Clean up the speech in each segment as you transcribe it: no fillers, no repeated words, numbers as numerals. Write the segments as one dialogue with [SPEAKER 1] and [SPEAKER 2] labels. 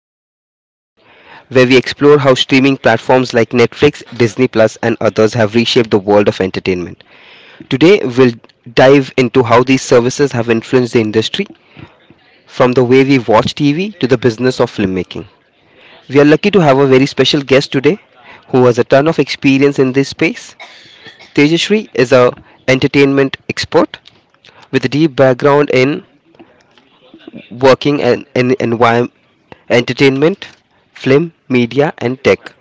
[SPEAKER 1] Streaming Revolution, where we explore how streaming platforms like Netflix, Disney Plus, and others have reshaped the world of entertainment. Today, we'll dive into how these services have influenced the industry, from the way we watch TV to the business of filmmaking. We are lucky to have a very special guest today who has a ton of experience in this space. Tejashri is a entertainment expert with a deep background in working in environment, entertainment, film, media, and tech.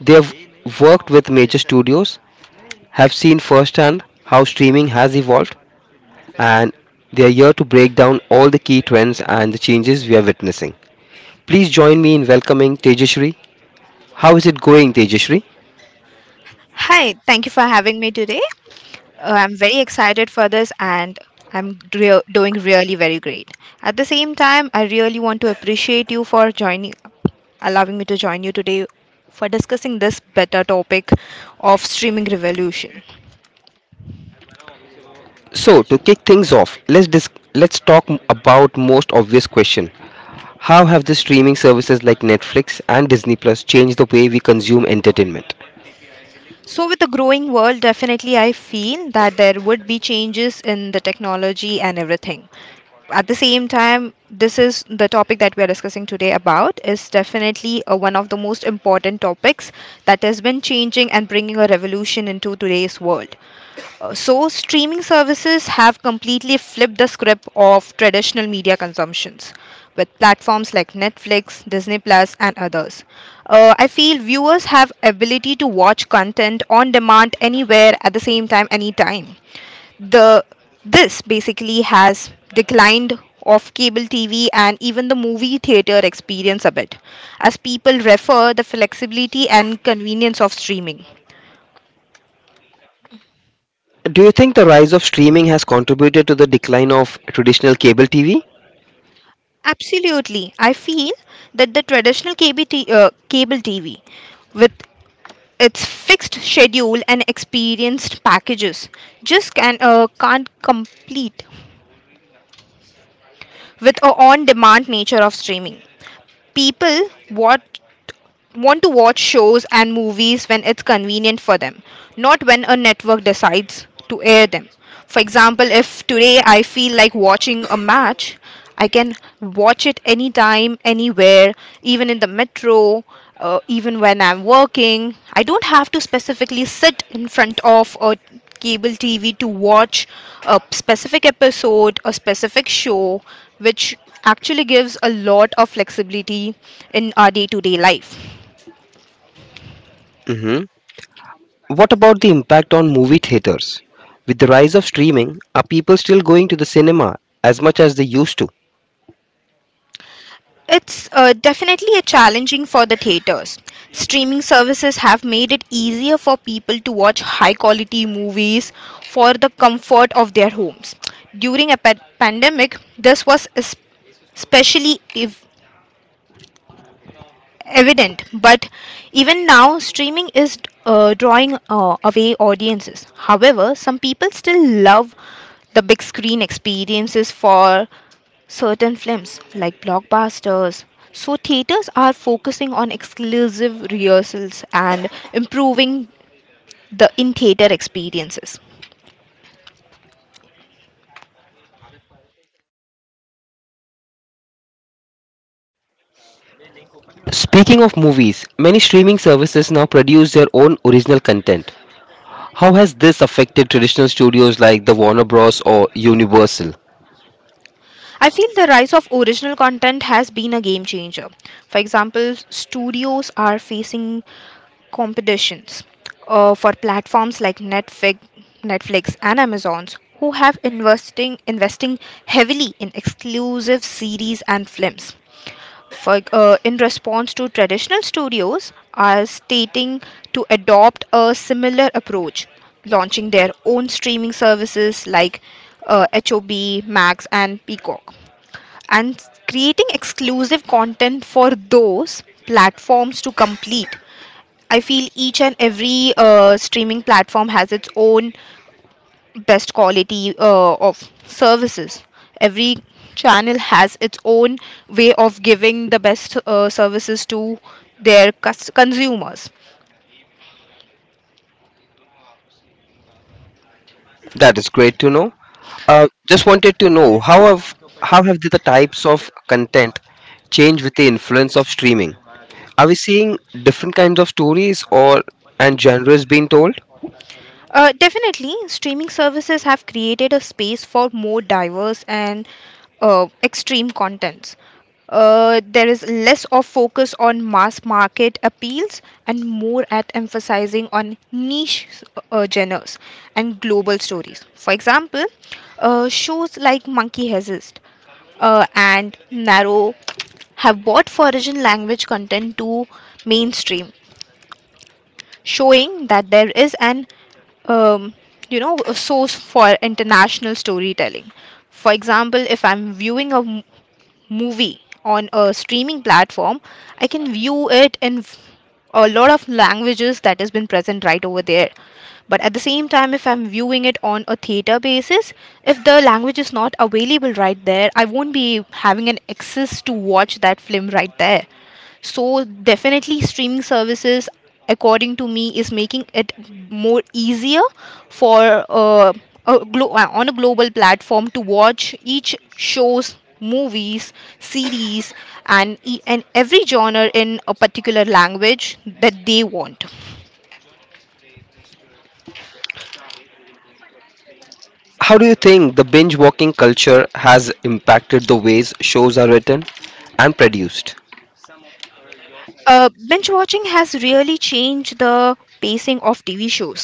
[SPEAKER 1] They have worked with major studios, have seen firsthand how streaming has evolved, and they are here to break down all the key trends and the changes we are witnessing. Please join me in welcoming Tejashri. How is it going, Tejashri?
[SPEAKER 2] Hi, thank you for having me today. I'm very excited for this and doing really very great. At the same time, I really want to appreciate you for joining allowing me to join you today for discussing this better topic of streaming revolution.
[SPEAKER 1] So, to kick things off, let's talk about most obvious question. How have the streaming services like Netflix and Disney Plus changed the way we consume entertainment?
[SPEAKER 2] So, with the growing world, definitely I feel that there would be changes in the technology and everything. At the same time, this is the topic that we are discussing today about is definitely one of the most important topics that has been changing and bringing a revolution into today's world. So, streaming services have completely flipped the script of traditional media consumptions with platforms like Netflix, Disney Plus, and others. I feel viewers have ability to watch content on demand anywhere at the same time, anytime. The this basically has declined of cable TV and even the movie theater experience a bit, as people refer the flexibility and convenience of streaming.
[SPEAKER 1] Do you think the rise of streaming has contributed to the decline of traditional cable TV?
[SPEAKER 2] Absolutely. I feel that the cable TV, with its fixed schedule and experienced packages, just can't complete with a on demand nature of streaming. People watch want to watch shows and movies when it's convenient for them, not when a network decides to air them. For example, if today I feel like watching a match, I can watch it anytime, anywhere, even in the metro, even when I'm working. I don't have to specifically sit in front of a cable TV to watch a specific episode, a specific show, which actually gives a lot of flexibility in our day to day life.
[SPEAKER 1] What about the impact on movie theaters? With the rise of streaming, are people still going to the cinema as much as they used to?
[SPEAKER 2] It's definitely a challenging for the theaters. Streaming services have made it easier for people to watch high quality movies for the comfort of their homes. During a pandemic, this was especially evident, but even now, streaming is drawing away audiences. However, some people still love the big screen experiences for certain films like blockbusters. So, theaters are focusing on exclusive rehearsals and improving the in theater experiences.
[SPEAKER 1] Speaking of movies, many streaming services now produce their own original content. How has this affected traditional studios like the Warner Bros. Or Universal?
[SPEAKER 2] I feel the rise of original content has been a game changer. For example, studios are facing competitions for platforms like Netflix and Amazon's who have investing heavily in exclusive series and films. In response to traditional studios are stating to adopt a similar approach, launching their own streaming services like HOB, Max, and Peacock and creating exclusive content for those platforms to complete. I feel each and every streaming platform has its own best quality of services. Every channel has its own way of giving the best services to their consumers.
[SPEAKER 1] That is great to know. Just wanted to know how have the types of content changed with the influence of streaming? Are we seeing different kinds of stories or and genres being told?
[SPEAKER 2] Definitely, streaming services have created a space for more diverse and extreme contents. There is less of focus on mass market appeals and more at emphasizing on niche genres and global stories. For example, shows like Monkey Heist and Narrow have brought foreign language content to mainstream, showing that there is an um, you know a source for international storytelling. For example, if I'm viewing a movie on a streaming platform, I can view it in a lot of languages that has been present right over there, but at the same time if I'm viewing it on a theater basis, if the language is not available right there, I won't be having an access to watch that film right there. So definitely streaming services according to me is making it more easier for a on a global platform to watch each shows movies series and every genre in a particular language that they want.
[SPEAKER 1] How do you think the binge watching culture has impacted the ways shows are written and produced?
[SPEAKER 2] Binge watching has really changed the pacing of TV shows.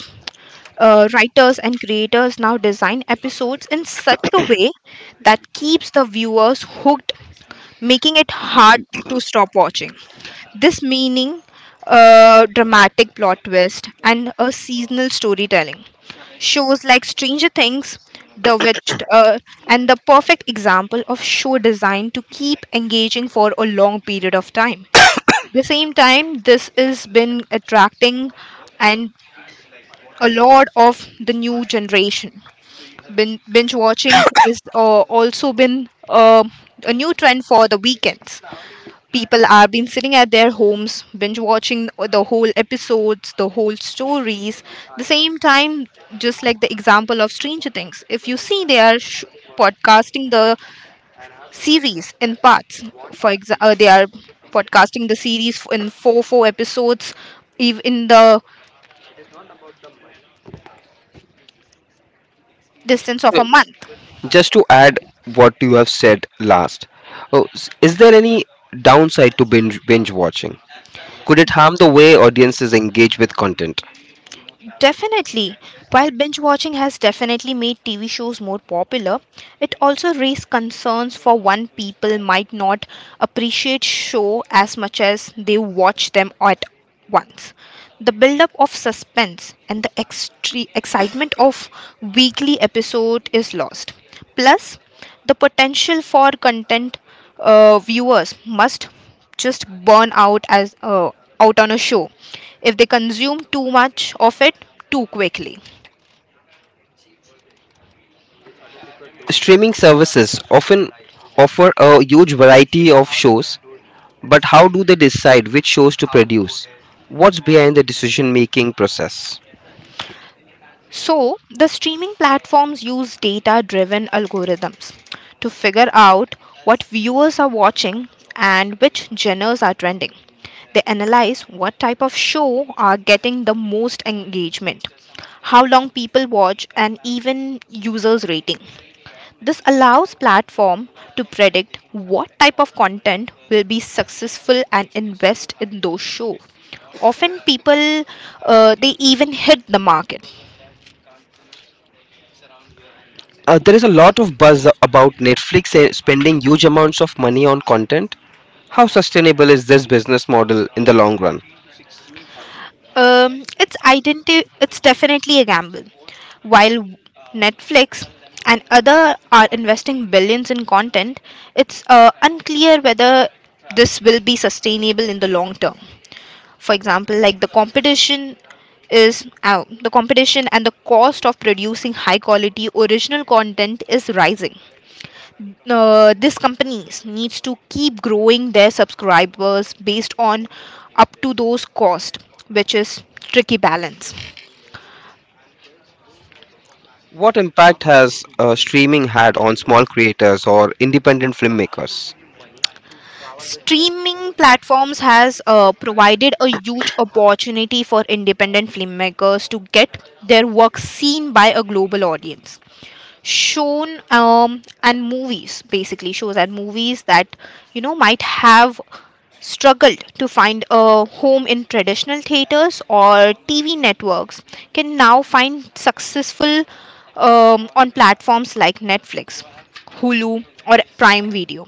[SPEAKER 2] Writers and creators now design episodes in such a way that keeps the viewers hooked, making it hard to stop watching. This meaning dramatic plot twist and a seasonal storytelling. Shows like Stranger Things, The Witch, and the perfect example of show design to keep engaging for a long period of time. The same time, this has been attracting and a lot of the new generation. Binge watching is also been a new trend for the weekends. People are been sitting at their homes binge watching the whole episodes the whole stories. The same time, just like the example of Stranger Things, if you see they are podcasting the series in parts. For example, they are podcasting the series in four four episodes, even in the distance of
[SPEAKER 1] Uh,
[SPEAKER 2] a month.
[SPEAKER 1] Just to add what you have said last, oh, is there any downside to binge watching? Could it harm the way audiences engage with content?
[SPEAKER 2] Definitely. While binge watching has definitely made TV shows more popular, it also raised concerns for one people might not appreciate show as much as they watch them at once. The buildup of suspense and the excitement of weekly episode is lost. Plus, the potential for content viewers must just burn out as out on a show if they consume too much of it too quickly.
[SPEAKER 1] Streaming services often offer a huge variety of shows, but how do they decide which shows to produce? What's behind the decision making process?
[SPEAKER 2] So, the streaming platforms use data driven algorithms to figure out what viewers are watching and which genres are trending. They analyze what type of show are getting the most engagement, how long people watch, and even users' rating. This allows platform to predict what type of content will be successful and invest in those show. Often people they even hit the market.
[SPEAKER 1] There is a lot of buzz about Netflix spending huge amounts of money on content. How sustainable is this business model in the long run?
[SPEAKER 2] It's definitely a gamble. While Netflix and other are investing billions in content, it's unclear whether this will be sustainable in the long term. For example, like the competition is out the competition and the cost of producing high quality original content is rising. These companies needs to keep growing their subscribers based on up to those cost, which is tricky balance.
[SPEAKER 1] What impact has streaming had on small creators or independent filmmakers?
[SPEAKER 2] Streaming platforms has provided a huge opportunity for independent filmmakers to get their work seen by a global audience. Shown um and movies basically shows and movies that you know might have struggled to find a home in traditional theaters or TV networks can now find successful on platforms like Netflix, Hulu, or Prime Video.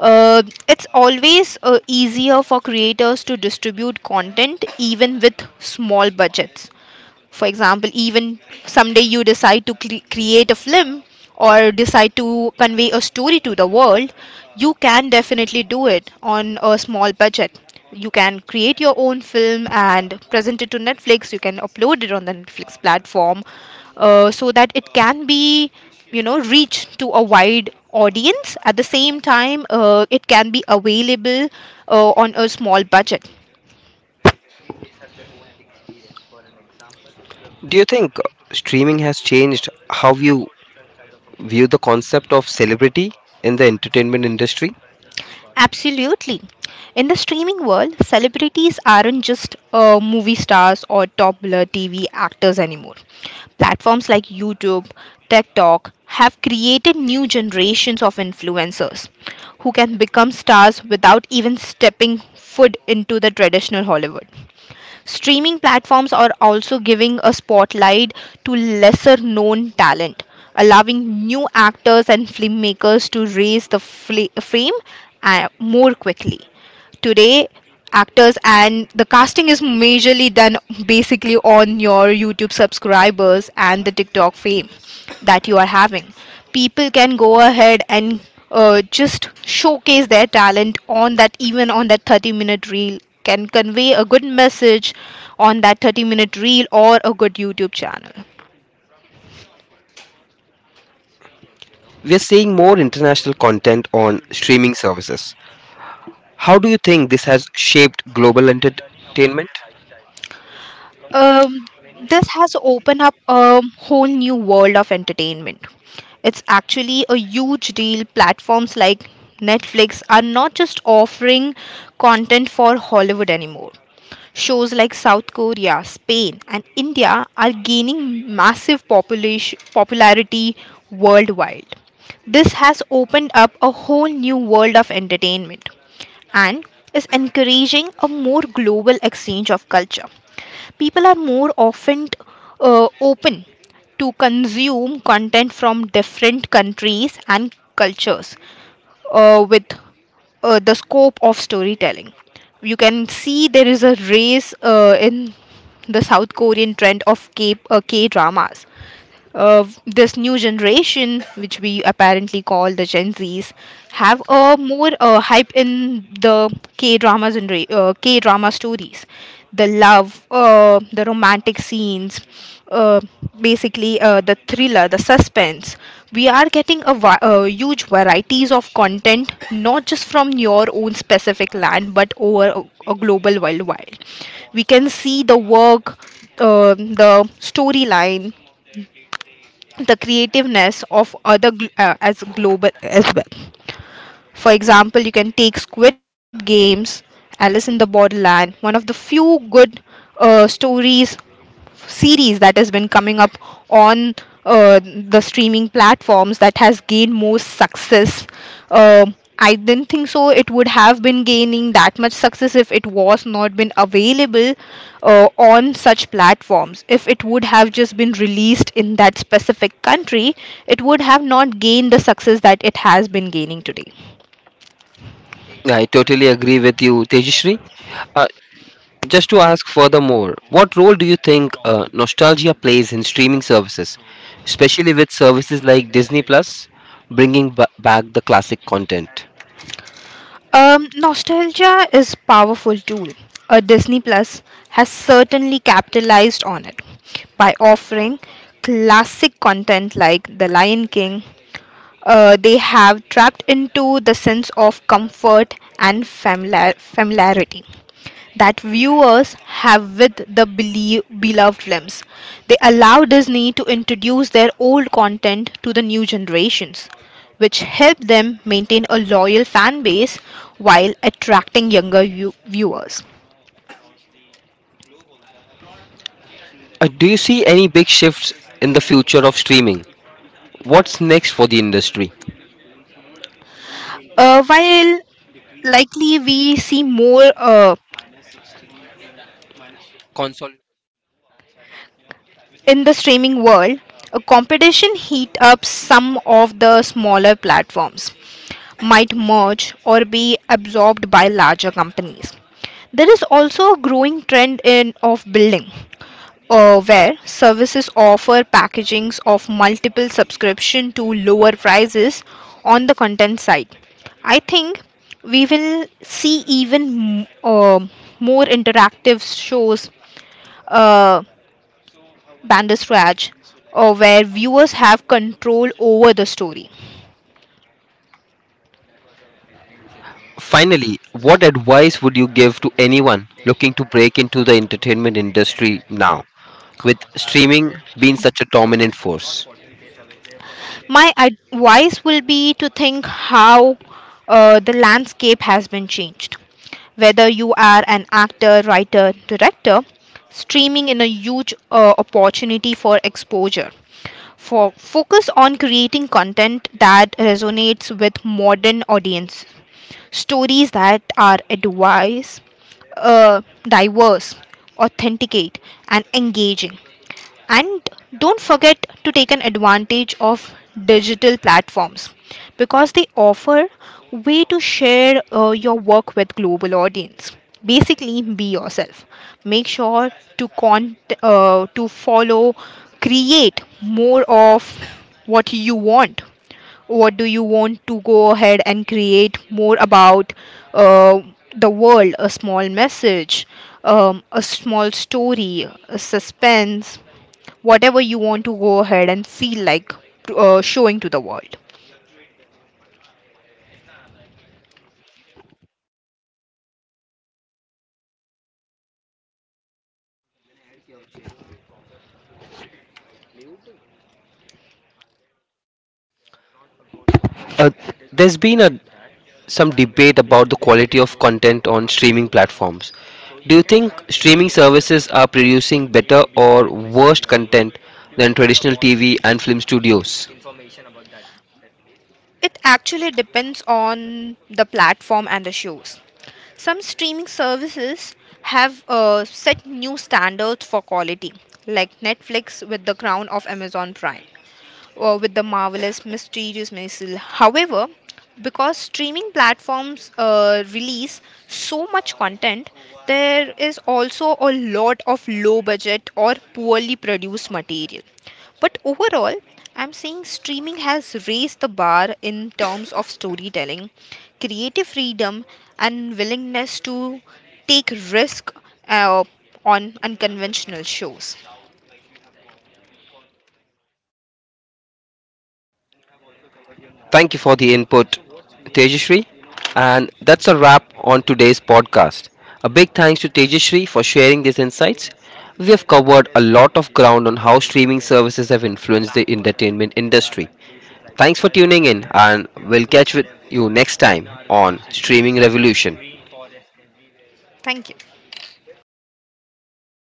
[SPEAKER 2] It's always easier for creators to distribute content even with small budgets. For example, even someday you decide to create a film or decide to convey a story to the world, you can definitely do it on a small budget. You can create your own film and present it to Netflix. You can upload it on the Netflix platform, so that it can be, you know, reached to a wide audience at the same time. It can be available on a small budget.
[SPEAKER 1] Do you think streaming has changed how you view the concept of celebrity in the entertainment industry?
[SPEAKER 2] Absolutely. In the streaming world, celebrities aren't just movie stars or popular TV actors anymore. Platforms like YouTube, TikTok have created new generations of influencers who can become stars without even stepping foot into the traditional Hollywood. Streaming platforms are also giving a spotlight to lesser known talent, allowing new actors and filmmakers to raise the fame more quickly. Today actors and the casting is majorly done basically on your YouTube subscribers and the TikTok fame that you are having. People can go ahead and just showcase their talent on that. Even on that 30-minute reel can convey a good message on that 30-minute reel or a good YouTube channel.
[SPEAKER 1] We are seeing more international content on streaming services. How do you think this has shaped global entertainment?
[SPEAKER 2] um, this has opened up a whole new world of entertainment. It's actually a huge deal. Platforms like Netflix are not just offering content for Hollywood anymore. Shows like South Korea, Spain, and India are gaining massive popularity worldwide. This has opened up a whole new world of entertainment and is encouraging a more global exchange of culture. People are more often open to consume content from different countries and cultures, with the scope of storytelling. You can see there is a race in the South Korean trend of K dramas of this new generation, which we apparently call the Gen Zs, have a more hype in the K dramas and K drama stories, the love, the romantic scenes, uh, basically the thriller, the suspense. We are getting a huge varieties of content, not just from your own specific land, but over a global worldwide. We can see the work, the storyline, the creativeness of other as global as well. For example, you can take Squid Games, Alice in the Borderland, one of the few good stories series that has been coming up on the streaming platforms that has gained more success. Uh, I didn't think so. It would have been gaining that much success if it was not been available on such platforms. If it would have just been released in that specific country, it would have not gained the success that it has been gaining today.
[SPEAKER 1] I totally agree with you, Tejashree. Uh, Just to ask furthermore, what role do you think nostalgia plays in streaming services, especially with services like Disney Plus bringing back the classic content?
[SPEAKER 2] Nostalgia is powerful tool. A Disney Plus has certainly capitalized on it by offering classic content like The Lion King. They have trapped into the sense of comfort and familiarity that viewers have with the beloved films. They allow Disney to introduce their old content to the new generations, which help them maintain a loyal fan base while attracting younger viewers.
[SPEAKER 1] Do you see any big shifts in the future of streaming? What's next for the industry?
[SPEAKER 2] While likely we see more
[SPEAKER 1] Consol-
[SPEAKER 2] in the streaming world, a competition heat up some of the smaller platforms might merge or be absorbed by larger companies. There is also a growing trend in of building, where services offer packagings of multiple subscription to lower prices on the content side. I think we will see even m- uh, more interactive shows, uh, bandersnatch, or where viewers have control over the story.
[SPEAKER 1] Finally, what advice would you give to anyone looking to break into the entertainment industry now, with streaming being such a dominant force?
[SPEAKER 2] My advice will be to think how the landscape has been changed. Whether you are an actor, writer, director, streaming in a huge opportunity for exposure. For focus on creating content that resonates with modern audience, stories that are advice, uh, diverse, authenticate, and engaging, and don't forget to take an advantage of digital platforms because they offer way to share your work with global audience. Basically be yourself. Make sure to con- to follow, create more of what you want, what do you want to go ahead and create more about, uh, the world, a small message, a small story, a suspense, whatever you want to go ahead and feel like showing to the world.
[SPEAKER 1] Uh, there's been a some debate about the quality of content on streaming platforms. Do you think streaming services are producing better or worse content than traditional TV and film studios?
[SPEAKER 2] It actually depends on the platform and the shows. Some streaming services have set new standards for quality, like Netflix with The Crown of Amazon Prime or with The Marvelous Mysterious Maisel. However, because streaming platforms release so much content, there is also a lot of low budget or poorly produced material. But overall, I'm saying streaming has raised the bar in terms of storytelling, creative freedom, and willingness to take risk uh, on unconventional shows.
[SPEAKER 1] Thank you for the input, Tejashri. And that's a wrap on today's podcast. A big thanks to Tejashri for sharing these insights. We have covered a lot of ground on how streaming services have influenced the entertainment industry. Thanks for tuning in, and we'll catch with you next time on Streaming Revolution.
[SPEAKER 2] Thank you.